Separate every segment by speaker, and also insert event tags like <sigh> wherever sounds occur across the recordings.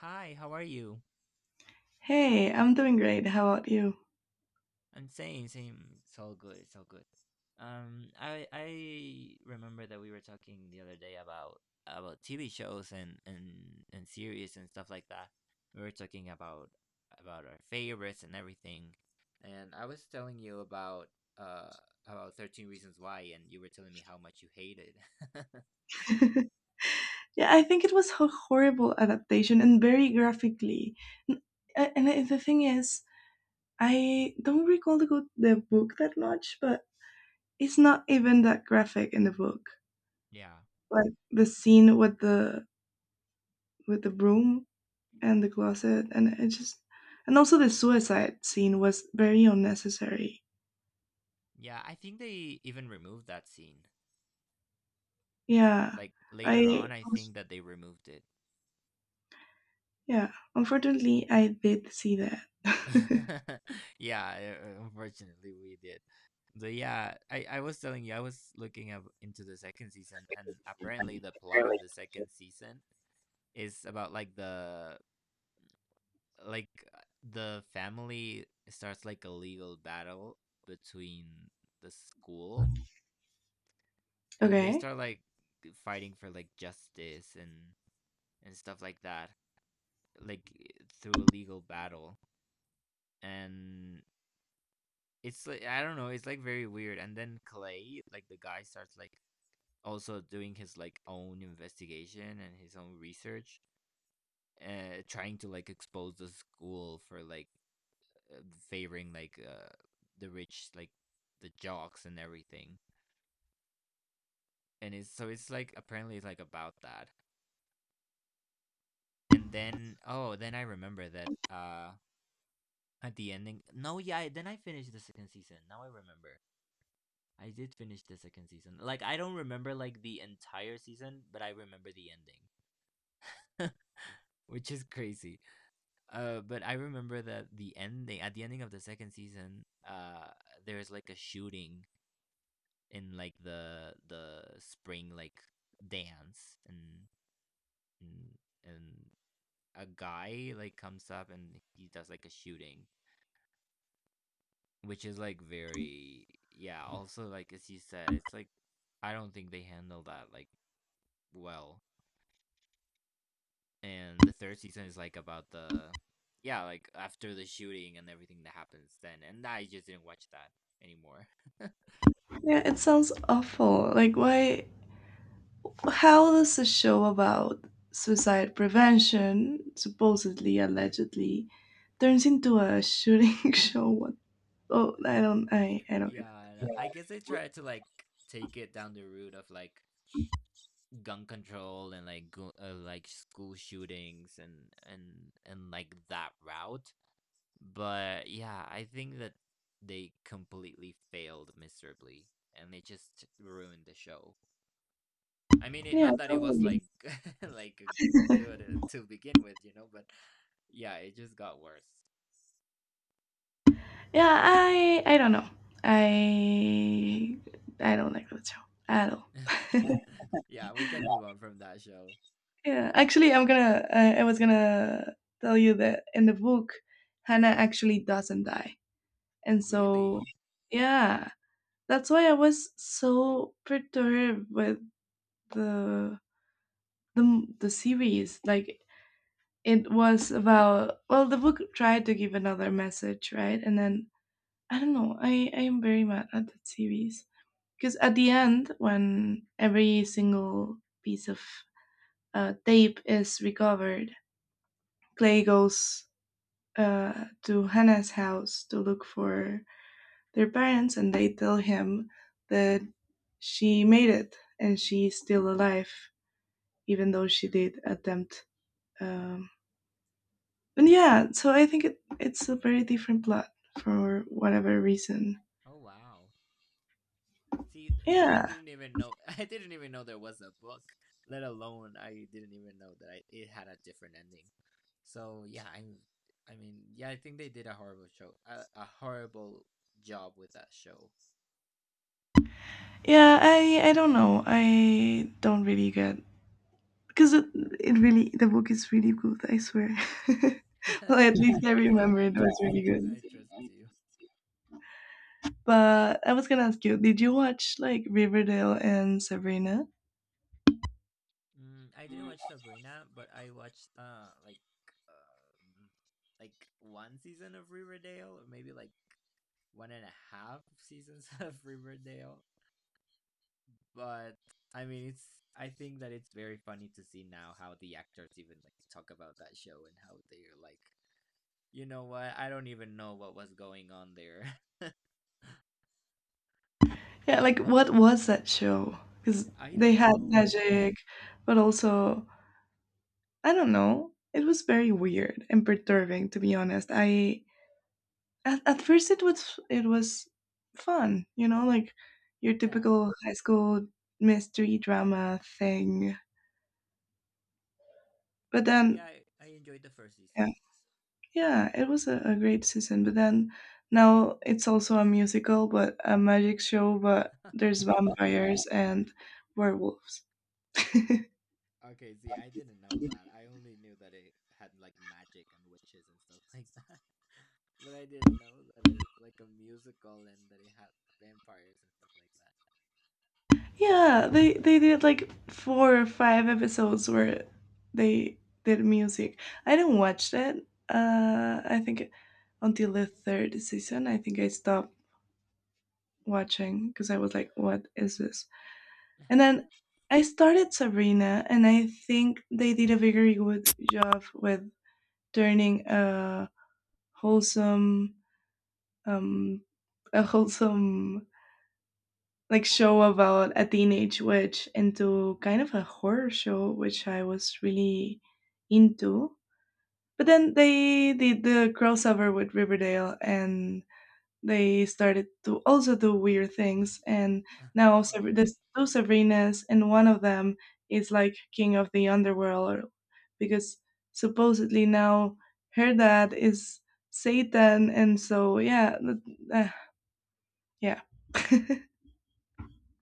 Speaker 1: Hi, how are you?
Speaker 2: Hey, I'm doing great. How about you?
Speaker 1: I'm saying, same. It's all good. It's all good. I remember that we were talking the other day about TV shows and series and stuff like that. We were talking about our favorites and everything. And I was telling you uh about 13 Reasons Why, and you were telling me how much you hated. <laughs>
Speaker 2: Yeah, I think it was a horrible adaptation and very graphically. N- the thing is, I don't recall the book that much, but it's not even that graphic in the book.
Speaker 1: Yeah.
Speaker 2: Like the scene with the broom and the closet, and it just and also the suicide scene was very unnecessary.
Speaker 1: Yeah, I think they even removed that scene.
Speaker 2: Yeah,
Speaker 1: Like later
Speaker 2: I
Speaker 1: on, I think that they removed it.
Speaker 2: yeah. Unfortunately, I did see that. <laughs>
Speaker 1: <laughs> Yeah, unfortunately we did. So yeah, I was telling you I was looking up into the second season, and apparently the plot
Speaker 2: Really?
Speaker 1: of the second season is about like the family starts like a legal battle between the school and they
Speaker 2: Okay.
Speaker 1: start like fighting for like justice and stuff like that, like through a legal battle, and it's like I don't know, it's like very weird. And then Clay, like the guy, starts like also doing his like own investigation and his own research, trying to like expose the school for like uh, favoring like the rich, like the jocks and everything. And it's, so it's like apparently it's like about that. And then, oh, then I remember that at the ending. No, yeah, then I finished the second season. Now I remember. I did finish the second season. Like I don't remember like the entire season, but I remember the ending. <laughs> Which is crazy. But I remember that the ending, at the ending of the second season, there's like a shooting in like the spring like dance and and, and a guy like comes up and he does like a shooting, which is like very, yeah, also like as you said, it's like I don't think they handle that like well, and the third season is like about the, yeah, like after the shooting and everything that happens then, and I just didn't watch that anymore. <laughs>
Speaker 2: Yeah, it sounds awful. Like, why? How does a show about suicide prevention, supposedly, allegedly, turns into a shooting <laughs> show? What? Oh, I don't. I don't get
Speaker 1: Yeah,
Speaker 2: it.
Speaker 1: and I guess they tried to like take it down the route of like gun control and like go, like school shootings and like that route, but yeah, I think that they completely failed miserably and they just ruined the show. I mean, it,
Speaker 2: Yeah,
Speaker 1: not that it was
Speaker 2: totally.
Speaker 1: like <laughs> like good, to begin with, you know, but yeah, it just got worse.
Speaker 2: Yeah, I don't know. I I don't like that show at all.
Speaker 1: <laughs> Yeah, we can move on from that show.
Speaker 2: Yeah, actually, I was gonna tell you that in the book, Hannah actually doesn't die, and so
Speaker 1: Really?
Speaker 2: yeah, that's why I was so perturbed with the the series. Like, it was about well, the book tried to give another message, right? And then I don't know. I am very mad at that series because at the end, when every single piece of tape is recovered, Clay goes to Hannah's house to look for their parents, and they tell him that she made it and she's still alive even though she did attempt. Um, but yeah, so I think it's a very different plot for whatever reason.
Speaker 1: Oh wow. See, I
Speaker 2: Yeah,
Speaker 1: didn't even know <laughs> I didn't even know there was a book, let alone I didn't even know that I, it had a different ending. So yeah, I am, I mean, yeah, I think they did a horrible show, a horrible job with that show.
Speaker 2: yeah. I don't know. I don't really get because it really the book is really good. I swear. <laughs> Well,
Speaker 1: <laughs>
Speaker 2: at least I
Speaker 1: Yeah,
Speaker 2: remember
Speaker 1: I
Speaker 2: it was
Speaker 1: trust
Speaker 2: really
Speaker 1: you.
Speaker 2: good.
Speaker 1: I trust you.
Speaker 2: But I was gonna ask you, did you watch like Riverdale and Sabrina?
Speaker 1: Mm, I didn't watch Sabrina, but I watched um like one season of Riverdale, or maybe like one and a half seasons <laughs> of Riverdale. But I mean, it's, I think that it's very funny to see now how the actors even like talk about that show and how they're like, you know what? I don't even know what was going on there.
Speaker 2: Yeah, like what was that show? Because
Speaker 1: <laughs> I
Speaker 2: they
Speaker 1: don't
Speaker 2: had
Speaker 1: know.
Speaker 2: magic, but also I don't know. It was very weird and perturbing, to be honest. At first it was fun, you know, like your
Speaker 1: Yeah,
Speaker 2: typical high school mystery drama thing. But
Speaker 1: yeah,
Speaker 2: then,
Speaker 1: I enjoyed the first season.
Speaker 2: yeah, yeah it was a great season. But then now it's also a musical, but a magic show. But
Speaker 1: <laughs>
Speaker 2: there's
Speaker 1: What?
Speaker 2: vampires and werewolves. <laughs>
Speaker 1: Okay, see, I didn't know that. I only knew that it had like magic and witches and stuff like that. <laughs> But I didn't know that it was like a musical and that it had vampires and stuff like that.
Speaker 2: Yeah, they did like four or five episodes where they did music. I didn't watch that. I think until the third season, I think I stopped watching because I was like, "What is this?" And then I started Sabrina, and I think they did a very good job with turning a wholesome, um, wholesome like show about a teenage witch into kind of a horror show which I was really into. But then they did the crossover with Riverdale and they started to also do weird things and
Speaker 1: <laughs>
Speaker 2: now
Speaker 1: Oh my god.
Speaker 2: There's two Sabrinas and one of them is like king of the underworld because supposedly now her dad is Satan, and so yeah, yeah. <laughs>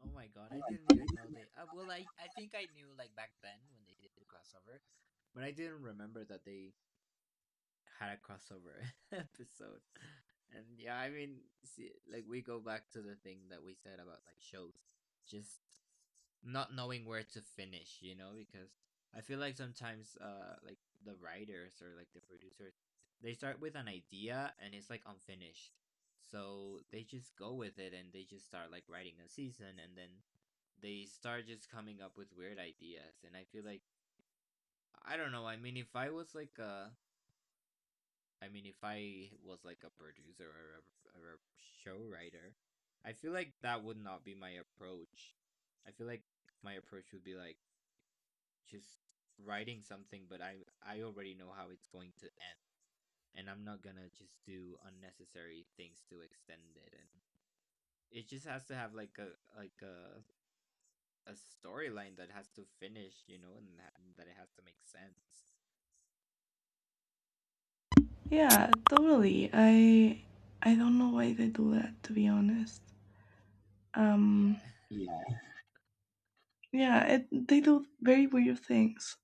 Speaker 1: Oh my god, I didn't even know they, well I think I knew like back then when they did the crossover, but I didn't remember that they had a crossover <laughs> episode. And yeah, I mean, see, like we go back to the thing that we said about like shows. Just not knowing where to finish, you know, because I feel like sometimes like the writers or like the producers, they start with an idea and it's like unfinished. So they just go with it and they just start like writing a season and then they start just coming up with weird ideas, and I feel like I don't know, I mean if I was like a, I mean if I was like a producer or or a show writer, I feel like that would not be my approach. I feel like my approach would be like just writing something, but I already know how it's going to end, and I'm not gonna just do unnecessary things to extend it. And it just has to have like a, like a storyline that has to finish, you know, and that it has to make sense.
Speaker 2: Yeah, totally. I don't know why they do that to be honest. Um
Speaker 1: Yeah,
Speaker 2: yeah, they do very weird things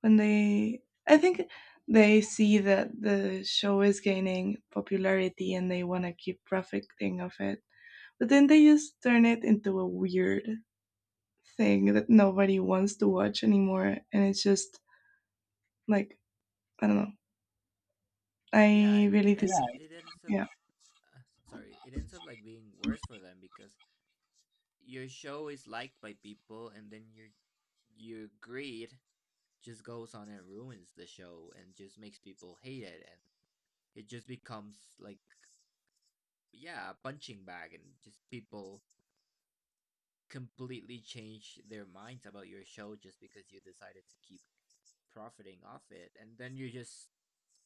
Speaker 2: when they I think they see that the show is gaining popularity and they want to keep profiting of it. But then they just turn it into a weird thing that nobody wants to watch anymore, and it's just like I don't know.
Speaker 1: <laughs> yeah.
Speaker 2: I
Speaker 1: It
Speaker 2: really
Speaker 1: it
Speaker 2: dis
Speaker 1: ends up,
Speaker 2: Yeah,
Speaker 1: uh, sorry, it ends up like being worse for them because your show is liked by people, and then your greed just goes on and ruins the show and just makes people hate it, and it just becomes like, yeah, a punching bag, and just people completely change their minds about your show just because you decided to keep profiting off it, and then you just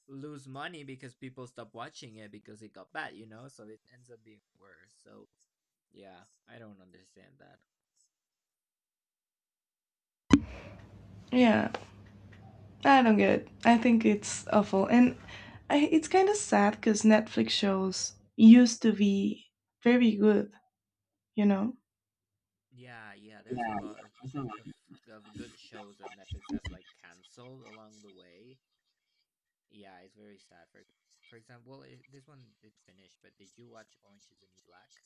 Speaker 1: lose money because people stop watching it because it got bad, you know? So it ends up being worse. So yeah, I don't understand that.
Speaker 2: yeah. Yeah, I don't get it. I think it's awful. And it's kind of sad because Netflix shows used to be very good, you know.
Speaker 1: Yeah, yeah, there's a lot of of, good shows that Netflix has like canceled along the way. Yeah, it's very sad. For example, well, it, this one did finish, but did you watch Orange is the New Black?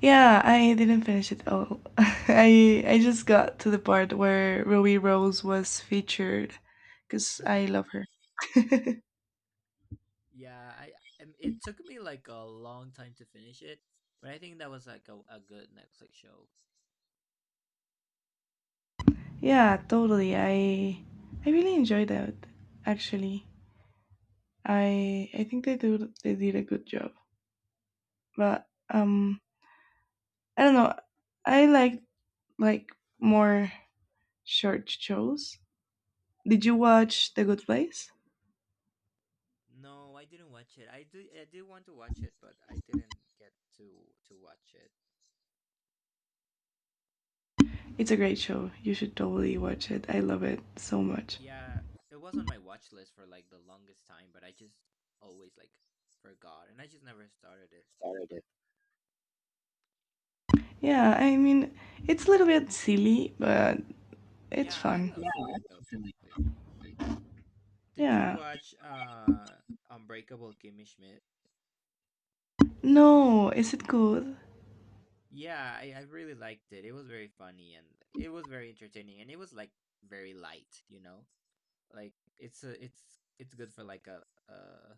Speaker 2: Yeah, I didn't finish it all. <laughs> I just got to the part where Ruby Rose was featured because
Speaker 1: <laughs>
Speaker 2: I
Speaker 1: Yeah.
Speaker 2: love her.
Speaker 1: Yeah, I, it took me like a long time to finish it, but I think that was like a good Netflix show.
Speaker 2: <laughs> Yeah, totally. I really enjoyed that actually. I think they did a good job. But I don't know. I like more short shows. Did you watch The Good Place?
Speaker 1: No, I didn't watch it. I did want to watch it, but I didn't get to watch it.
Speaker 2: It's a great show. You should totally watch it. I love it so much.
Speaker 1: Yeah, it was on my watch list for like the longest time, but I just always like forgot and I just never started it.
Speaker 2: Yeah, I mean, it's a little bit silly, but it's
Speaker 1: Yeah, I
Speaker 2: fun.
Speaker 1: love silly shows. Did you
Speaker 2: Yeah.
Speaker 1: watch Unbreakable Kimmy Schmidt?
Speaker 2: No, is it good?
Speaker 1: Yeah, I really liked it. It was very funny and it was very entertaining and it was like very light, you know? Like it's good for like a, uh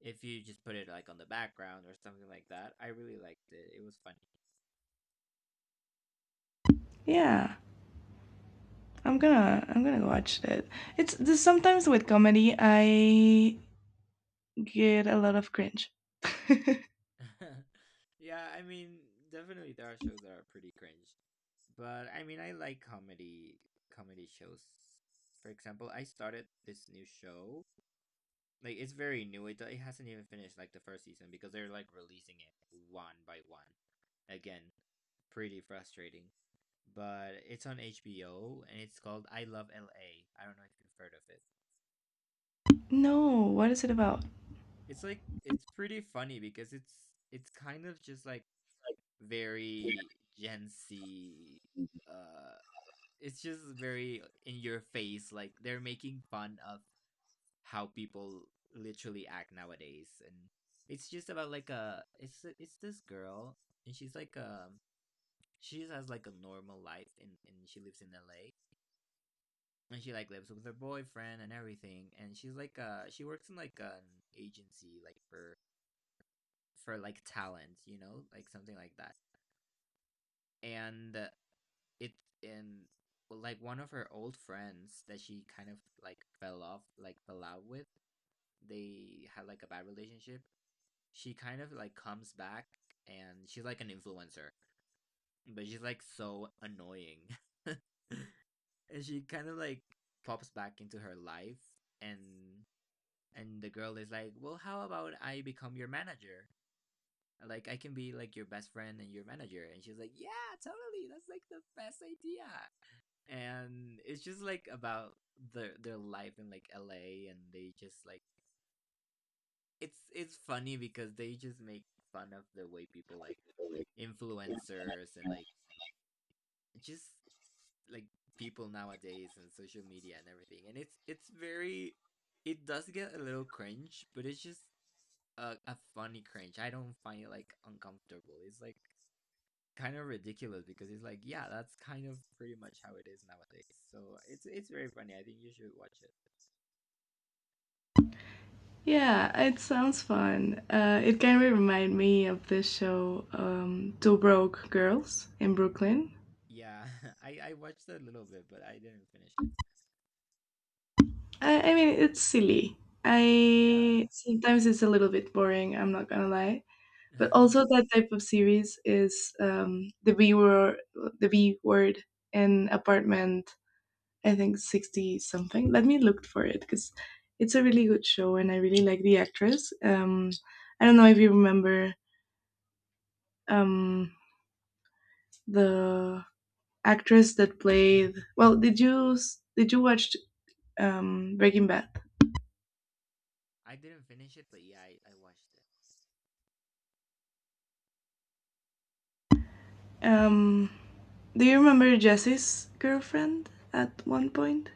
Speaker 1: if you just put it like on the background or something like that. I really liked it. It was
Speaker 2: Yeah. I'm gonna watch it. It's Sometimes with comedy I get a lot of cringe. <laughs>
Speaker 1: funny. <laughs> Yeah, I mean, definitely there are shows that are pretty cringe. But I mean, I like comedy shows. For example, I started this new show. Like it's very new. It hasn't even finished like the first season because they're like releasing it one by one. Again, pretty frustrating. But it's on HBO and it's called I Love LA. I don't know if you've heard of it.
Speaker 2: No, what is it about?
Speaker 1: It's like it's pretty funny because it's kind of just like very Gen Z, uh it's just very in your face, like they're making fun of how people literally act nowadays, and it's just about like a, it's this girl and she's like, she just has like a normal life and she lives in LA, and she like lives with her boyfriend and everything, and she's like, she works in like an agency like for like talent, you know, like something like that, and it, and like one of her old friends that she kind of like fell off, like fell out with, they had like a bad relationship, she kind of like comes back and she's like an influencer, but she's like so annoying. <laughs> And she kind of like pops back into her life, and the girl is like, "Well, how about I become your manager? Like I can be like your best friend and your manager." And she's like, "Yeah, totally. That's like the best idea." And it's just like about their life in like LA, and they just like, it's funny because they just make fun of the way people, like influencers and like, just, like people nowadays and social media and everything, and it's very, it does get a little cringe but it's just a funny cringe, I don't find it like uncomfortable, it's like kind of ridiculous because it's like, yeah, that's kind of pretty much how it is nowadays, so it's very funny, I think you should watch it.
Speaker 2: Yeah, it sounds fun. It kind of remind me of this show, Two Broke Girls in Brooklyn.
Speaker 1: Yeah, <laughs> I watched a little bit but I didn't finish it.
Speaker 2: I mean, it's silly.
Speaker 1: Yeah.
Speaker 2: I Sometimes it's a little bit boring. I'm not gonna lie. But also
Speaker 1: <laughs>
Speaker 2: that type of series is the B word in apartment. I think sixty something. Let me look for it because it's a really good show and I really like the actress. I don't know if you remember um, the actress that played. Well, did you watch Breaking Bad?
Speaker 1: I didn't finish it, but yeah, I watched it.
Speaker 2: Um, Do you remember Jesse's girlfriend at one point?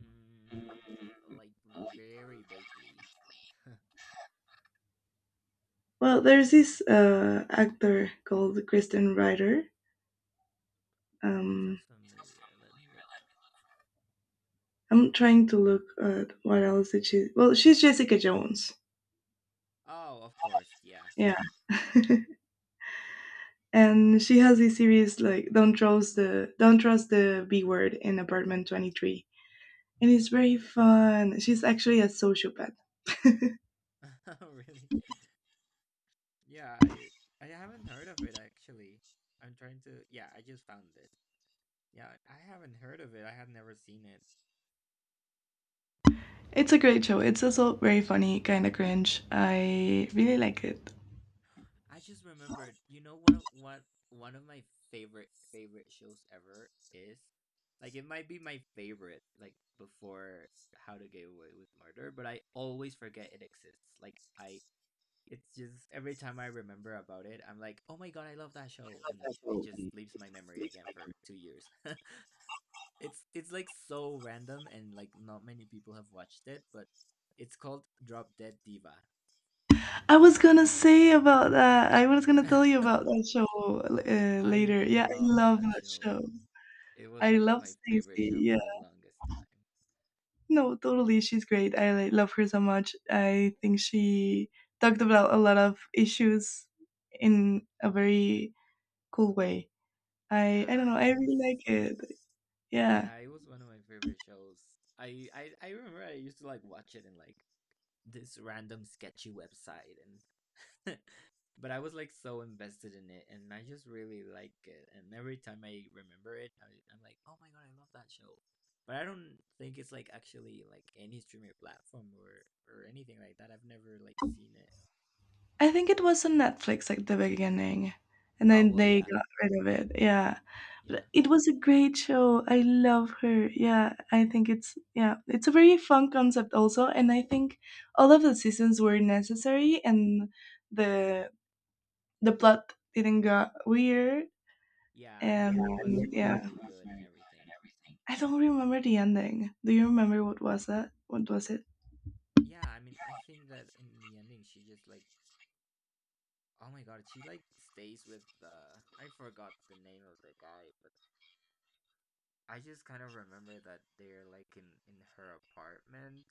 Speaker 1: Mm, like very vaguely. <laughs>
Speaker 2: Well, there's this actor called Kristen Ritter.
Speaker 1: She
Speaker 2: Um,
Speaker 1: sounds familiar. Let me look for
Speaker 2: I'm trying to look at what else did she. Well, she's Jessica Jones.
Speaker 1: her. Oh, of course, yeah. <laughs>
Speaker 2: Yeah. <laughs> And she has this series like "Don't Trust the B Word" in Apartment 23, and it's very fun. She's actually a sociopath.
Speaker 1: Oh, really? Yeah, I haven't heard of it, actually. I'm trying to. Yeah, I just found it. Yeah, I haven't heard of it. I had never seen it.
Speaker 2: It's a great show. It's also very funny, kind of cringe. I really like it.
Speaker 1: I just remembered, you know what one of my favorite shows ever is? Like it might be my favorite, like before How to Get Away with Murder, but I always forget it exists. Like I It's just every time I remember about it, I'm like, "Oh my god, I love that show." And it
Speaker 2: Oh,
Speaker 1: just leaves my memory again for 2 years. <laughs> It's like so random and like not many people have watched it, but it's called Drop Dead Diva.
Speaker 2: I was gonna say about that. I was gonna tell you about
Speaker 1: <laughs>
Speaker 2: that show
Speaker 1: I
Speaker 2: later. Yeah, I
Speaker 1: love
Speaker 2: love
Speaker 1: that
Speaker 2: that
Speaker 1: show.
Speaker 2: show.
Speaker 1: It was
Speaker 2: I
Speaker 1: like
Speaker 2: love
Speaker 1: my favorite
Speaker 2: Stacey.
Speaker 1: show
Speaker 2: Yeah,
Speaker 1: for the longest time.
Speaker 2: no, totally. She's great. I like, love her so much. I think she talked about a lot of issues in a very cool way. I don't
Speaker 1: Yeah,
Speaker 2: know.
Speaker 1: it,
Speaker 2: I
Speaker 1: it was
Speaker 2: really like it. Yeah.
Speaker 1: yeah, it was one of my favorite shows. I remember I used to like watch it in like this random sketchy website and <laughs> but I was like so invested in it and I just really like it and every time I remember I'm like, "Oh my god, I love that show." But I don't think it's like actually like any streamer platform or anything like that. I've never like seen it.
Speaker 2: I think it was on Netflix at the beginning, and
Speaker 1: Oh
Speaker 2: then
Speaker 1: well,
Speaker 2: they
Speaker 1: yeah,
Speaker 2: got rid of it. Yeah. But
Speaker 1: yeah.
Speaker 2: it was a great show. I love her. Yeah, I think it's yeah, it's a very fun concept also, and I think all of the seasons were necessary and the the plot didn't got weird
Speaker 1: Yeah, and the
Speaker 2: and
Speaker 1: ending was
Speaker 2: yeah.
Speaker 1: very good and everything.
Speaker 2: I don't remember the ending. Do you remember what was that? What was it?
Speaker 1: Yeah, I mean, I think that in the ending she just like oh my god, she like stays with the I forgot the name of the guy, but I just kind of remember that they're like in her apartment.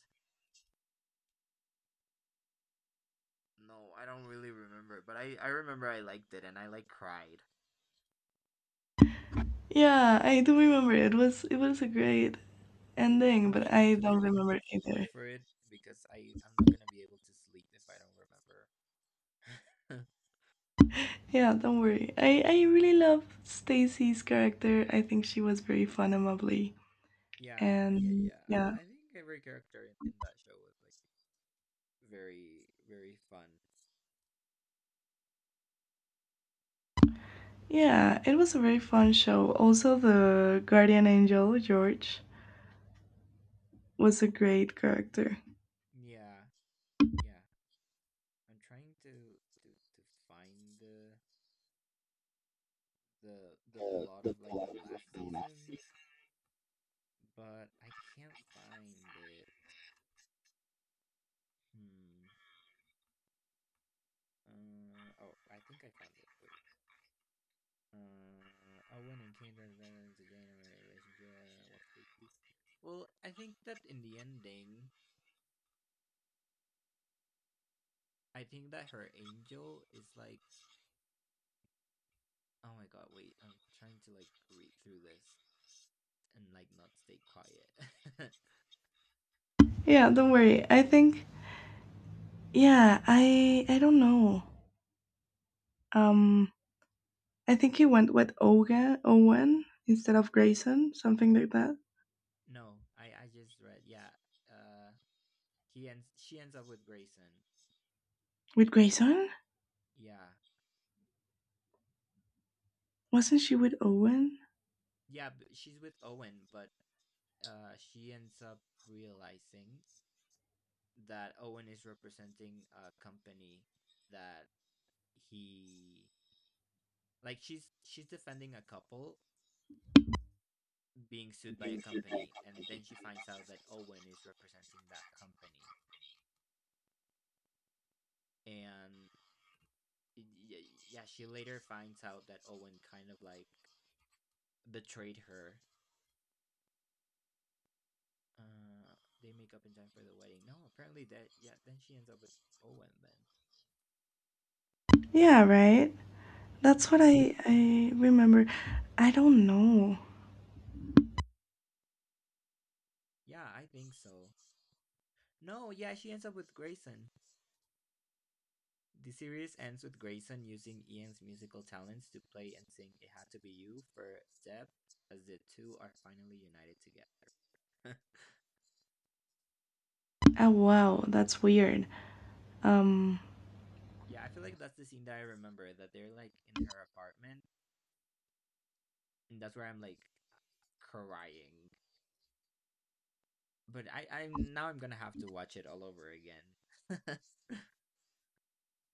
Speaker 1: No, I don't really remember, but I remember I liked it and I like cried.
Speaker 2: Yeah, I do remember. It was a great ending,
Speaker 1: Let
Speaker 2: but
Speaker 1: me
Speaker 2: I
Speaker 1: actually
Speaker 2: don't remember
Speaker 1: look
Speaker 2: either.
Speaker 1: for it because I'm not going to be able to sleep if I don't remember. <laughs>
Speaker 2: Yeah, don't worry. I really love Stacy's character. I think she was very fun and lovely.
Speaker 1: yeah, yeah,
Speaker 2: And
Speaker 1: yeah. I
Speaker 2: yeah,
Speaker 1: I think every character in that show was like very fun.
Speaker 2: yeah, it was a very fun show. Also, the guardian angel, George, was a great character.
Speaker 1: Yeah, yeah. I'm trying to find the plot of like the last season, but I can't find it. Hmm. Oh, I think I found it. Wait. Owen and Kendra is a January relationship. What's the deal? Well, I think that in the ending, I think that her angel is like. Oh my god! Wait, I'm trying to like read through this, and like not stay quiet.
Speaker 2: Yeah, don't worry. I think, yeah, I don't know. Um, I think he went with Owen instead of Grayson, something like that.
Speaker 1: <laughs> no, I just read. Yeah. Uh he ends She ends up with Grayson.
Speaker 2: With Grayson?
Speaker 1: Yeah.
Speaker 2: Wasn't she with Owen?
Speaker 1: Yeah, but she's with Owen, but she ends up realizing that Owen is representing a company that he like she's defending a couple being sued by a company, and then she finds out that Owen is representing that company and y- yeah, she later finds out that Owen kind of like betrayed her. Uh, they make up in time for the wedding. No, apparently that yeah. Then she ends up with Owen. Then
Speaker 2: Yeah, right?
Speaker 1: yeah,
Speaker 2: That's what I remember. I don't know.
Speaker 1: yeah, I think so. No, yeah, she ends up with Grayson. The series ends with Grayson using Ian's musical talents to play and sing "It Had to Be You" for Deb, as the two are finally united together. <laughs>
Speaker 2: Oh, wow, that's weird. Um,
Speaker 1: yeah, I feel like that's the scene that I remember. That they're like in her apartment, and that's where I'm like crying. But I, I'm now I'm gonna have to watch it all over again. <laughs>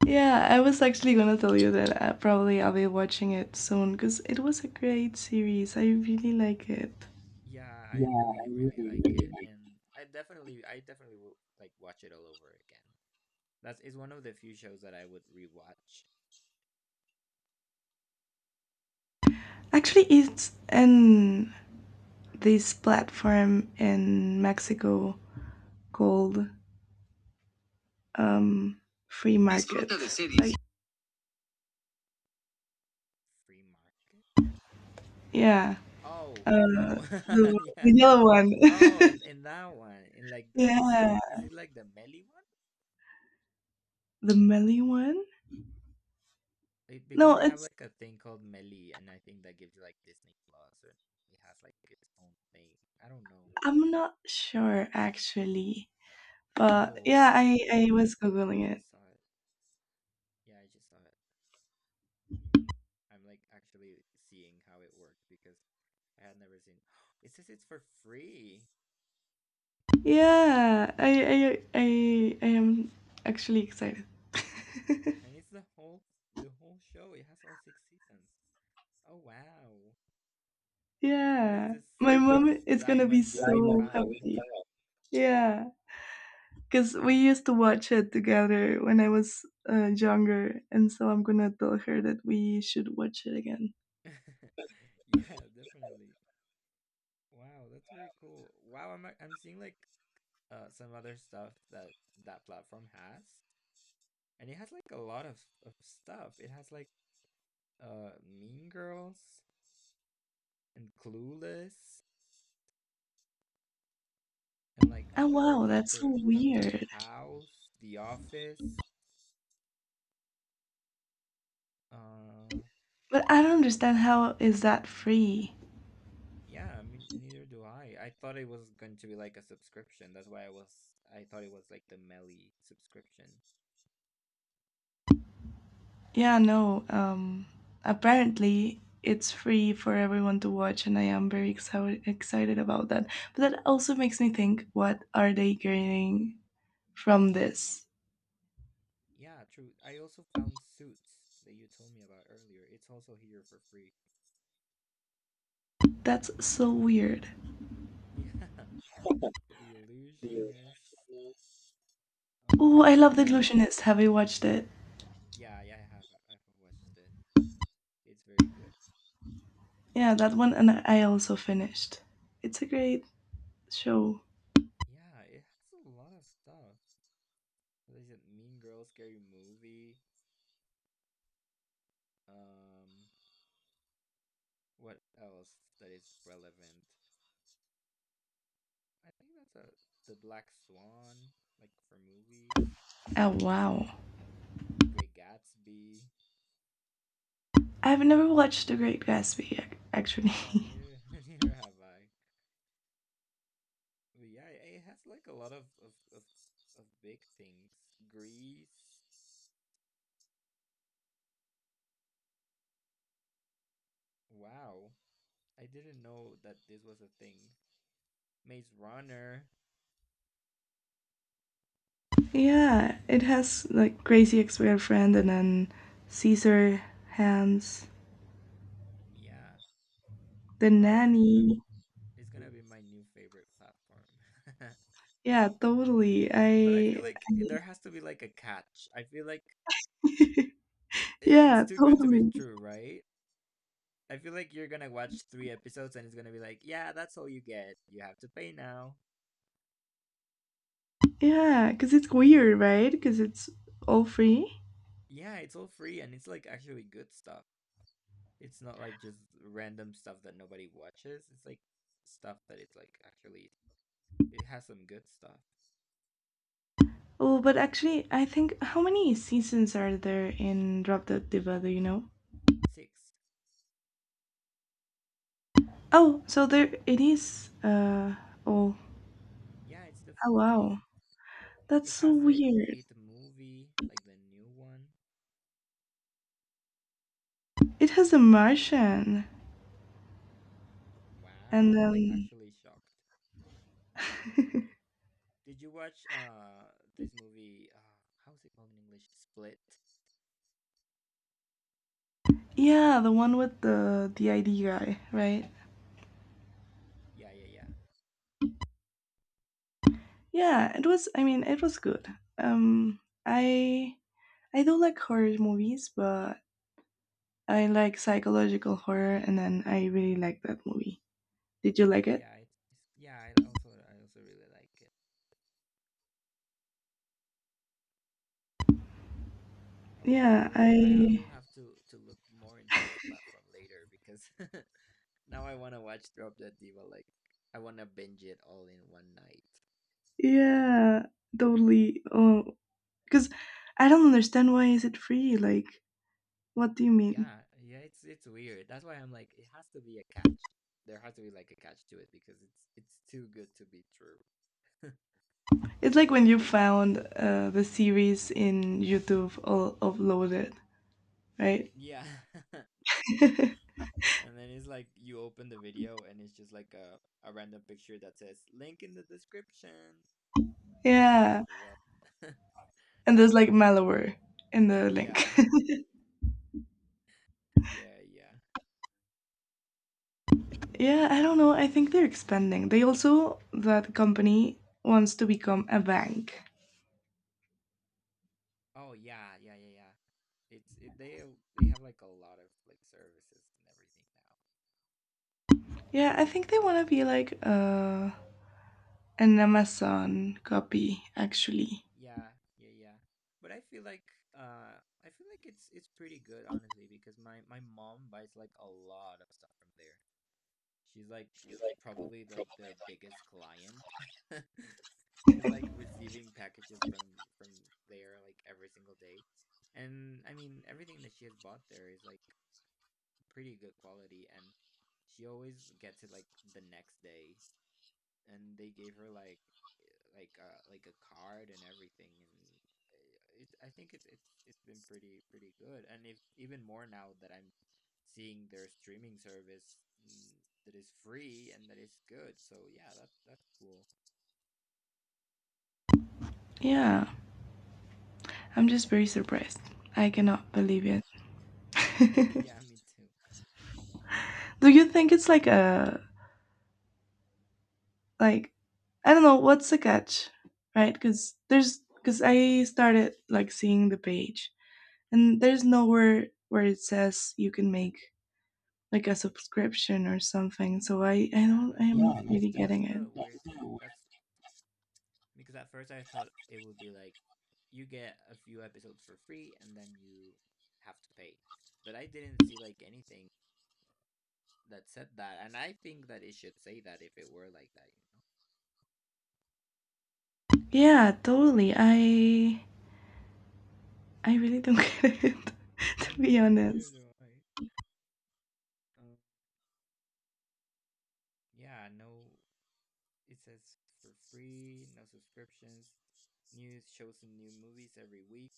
Speaker 2: yeah, I was actually gonna tell you that probably I'll be watching it soon because it was a great series. I really like it.
Speaker 1: Yeah, I really, really like it, and I definitely will like watch it all over again. That's is one of the few shows that I would rewatch.
Speaker 2: Actually, it's in this platform in Mexico called um, Free Market. Like,
Speaker 1: Free Market.
Speaker 2: yeah,
Speaker 1: Oh,
Speaker 2: uh,
Speaker 1: oh,
Speaker 2: the,
Speaker 1: <laughs>
Speaker 2: the
Speaker 1: yeah.
Speaker 2: yellow one.
Speaker 1: Oh, in that one, in like
Speaker 2: <laughs>
Speaker 1: the is l-
Speaker 2: Yeah,
Speaker 1: is it like the Melly one?
Speaker 2: the melee one.
Speaker 1: It, because
Speaker 2: No,
Speaker 1: they have
Speaker 2: it's
Speaker 1: like a thing called Melly, and I think that gives you like Disney Plus, or it has like its own thing. I don't know.
Speaker 2: I'm not sure actually, but yeah,
Speaker 1: Oh,
Speaker 2: I
Speaker 1: Mercado
Speaker 2: was
Speaker 1: Play. I
Speaker 2: googling it.
Speaker 1: just saw it. Yeah, I just saw it. I'm like actually seeing how it worked because I had never seen. <gasps> It says it's for free,
Speaker 2: Yeah, I am actually excited.
Speaker 1: and it's the whole show. It has all six seasons. Oh wow! What is
Speaker 2: Yeah,
Speaker 1: this
Speaker 2: my mom is gonna be
Speaker 1: diamond that we
Speaker 2: so
Speaker 1: found?
Speaker 2: happy. Yeah, because we used to watch it together when I was younger, and so I'm gonna tell her that we should watch it again.
Speaker 1: <laughs> yeah, definitely. Wow, that's very cool. Wow, I'm seeing like some other stuff that that platform has, and it has like a lot of stuff. It has like Mean Girls and Clueless and like
Speaker 2: Oh
Speaker 1: well
Speaker 2: wow, that's so
Speaker 1: Doctor
Speaker 2: weird.
Speaker 1: House, The Office. Uh,
Speaker 2: But I don't understand how is that free?
Speaker 1: yeah, I mean, neither do I. I thought it was going to be like a subscription. That's why I thought it was like the Melly subscription.
Speaker 2: Yeah, no. Apparently, it's free for everyone to watch, and I am very excited about that. But that also makes me think, what are they gaining from this?
Speaker 1: Yeah, true. I also found Suits that you told me about earlier. It's also here for free.
Speaker 2: That's so weird.
Speaker 1: <laughs> Yeah, The Illusionist.
Speaker 2: Oh, I
Speaker 1: Um,
Speaker 2: love The Illusionist. Have you watched it?
Speaker 1: yeah, I've watched it. It's very good.
Speaker 2: Yeah, that one, and I also finished. It's a great show.
Speaker 1: Yeah, it has a lot of stuff. There's a Mean Girls, Scary Movie. Um, what else that is relevant? I think that's a The Black Swan, like for movies.
Speaker 2: Oh, wow.
Speaker 1: The Great Gatsby.
Speaker 2: I've never watched The Great Gatsby, ac-
Speaker 1: Yeah,
Speaker 2: actually.
Speaker 1: neither <laughs> neither have I. But yeah, it has like a lot of big things. Grease. Wow, I didn't know that this was a thing. Maze Runner.
Speaker 2: <laughs> Yeah, it has like Crazy Ex Girlfriend and then Caesar Hands,
Speaker 1: Yeah.
Speaker 2: The
Speaker 1: Wow. Then I'm.
Speaker 2: Nanny.
Speaker 1: It's gonna be my new favorite platform.
Speaker 2: Yeah, totally.
Speaker 1: <laughs> but I feel like
Speaker 2: I
Speaker 1: there has to be like a catch. I feel like
Speaker 2: <laughs>
Speaker 1: it's
Speaker 2: Yeah,
Speaker 1: too good to be
Speaker 2: totally.
Speaker 1: true, right? I feel like you're gonna watch three episodes and it's gonna be like, yeah, that's all you get. You have to pay now.
Speaker 2: Yeah, because it's weird, right? Because it's all free.
Speaker 1: Yeah, it's all free and it's like actually good stuff. It's not like just random stuff that nobody watches. It's like stuff that it's like actually it has some good stuff.
Speaker 2: Oh, but actually, I think, how many seasons are there in Drop Dead Diva? Do you know?
Speaker 1: Six.
Speaker 2: Oh, so there it is. Oh.
Speaker 1: Yeah, it's the
Speaker 2: Oh
Speaker 1: full
Speaker 2: wow,
Speaker 1: thing.
Speaker 2: that's
Speaker 1: It
Speaker 2: so
Speaker 1: has the
Speaker 2: weird.
Speaker 1: it movie, like the new one.
Speaker 2: It has a Martian,
Speaker 1: Wow,
Speaker 2: and
Speaker 1: I'm like
Speaker 2: then
Speaker 1: actually shocked.
Speaker 2: <laughs>
Speaker 1: Did you watch this movie how's it called in English? Split.
Speaker 2: yeah, the one with the ID guy, right?
Speaker 1: Yeah, yeah, yeah.
Speaker 2: Yeah, it was. I mean, it was good. Um, I I do like horror movies, but I like psychological horror, and then I really like that movie. Did you like it?
Speaker 1: Yeah. I also really like it. Oh wow.
Speaker 2: Yeah,
Speaker 1: Well, I
Speaker 2: I
Speaker 1: will have to look more into this platform later because <laughs> now I want to watch Drop Dead Diva. Like I want to binge it all in one night.
Speaker 2: yeah, totally. Oh, because I don't understand, why is it free? Like, what do you mean?
Speaker 1: Yeah, yeah. It's weird. That's why I'm like, it has to be a catch. There has to be like a catch to it because it's too good to be true.
Speaker 2: It's like when you found the series in YouTube all uploaded, right?
Speaker 1: Yeah. <laughs>
Speaker 2: <laughs>
Speaker 1: And then it's like you open the video and it's just like a random picture that says link in the description. And it's like,
Speaker 2: Yeah,
Speaker 1: well. <laughs>
Speaker 2: and there's like malware in the link.
Speaker 1: Yeah, yeah, yeah.
Speaker 2: Yeah, I don't know. I think they're expanding. They also, that company wants to become a bank.
Speaker 1: Oh yeah, yeah, yeah, yeah. It's it, they they have like a lot of like services and everything now.
Speaker 2: Yeah, I think they want to be like an Amazon copy, actually.
Speaker 1: Yeah, yeah, yeah. But uh I feel like it's pretty good honestly because my mom buys like a lot of stuff from there. She's like probably like their biggest client. <laughs> She's like receiving packages from there like every single day. And I mean everything that she has bought there is like pretty good quality and she always gets it like the next day and they gave her like like a card and everything and I think it's been pretty good, and if even more now that I'm seeing their streaming service that is free and that is good, so yeah, that's cool.
Speaker 2: Yeah, I'm just very surprised. I cannot believe
Speaker 1: Yeah. <laughs>
Speaker 2: it.
Speaker 1: yeah,
Speaker 2: <laughs>
Speaker 1: me too.
Speaker 2: Do you think it's like like, I don't know, what's the catch, right? Because because I started like seeing the page and there's nowhere where it says you can make like a subscription or something. So I
Speaker 1: Yeah,
Speaker 2: don't I'm not really getting
Speaker 1: that's the
Speaker 2: it.
Speaker 1: weird thing. That's because at first I thought it would be like you get a few episodes for free and then you have to pay. But I didn't see like anything that said that, and I think that it should say that if it were like that, you
Speaker 2: Yeah, totally. I really don't <laughs> get it to
Speaker 1: know. <laughs>
Speaker 2: be
Speaker 1: yeah, neither
Speaker 2: honest.
Speaker 1: do I. Um, yeah, no, it says for free, no subscriptions, news, shows, and new movies every week.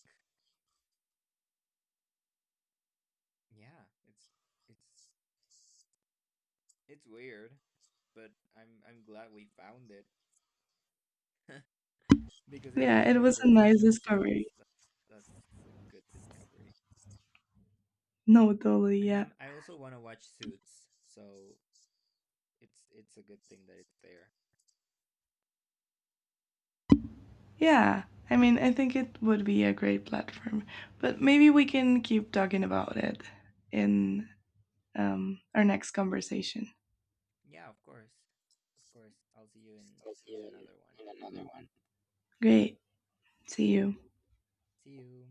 Speaker 1: Yeah, it's it's weird, but I'm glad we found it, because it
Speaker 2: Yeah,
Speaker 1: has
Speaker 2: it
Speaker 1: my
Speaker 2: was a
Speaker 1: favorite
Speaker 2: nice
Speaker 1: show, so
Speaker 2: discovery.
Speaker 1: that's a good discovery.
Speaker 2: No, totally.
Speaker 1: And
Speaker 2: Yeah.
Speaker 1: I also want to watch Suits, so it's a good thing that it's there.
Speaker 2: Yeah. I mean, I think it would be a great platform, but maybe we can keep talking about it in our next conversation.
Speaker 1: Yeah, of course. Of course. I'll see you in another one.
Speaker 2: Great. See you.
Speaker 1: See you.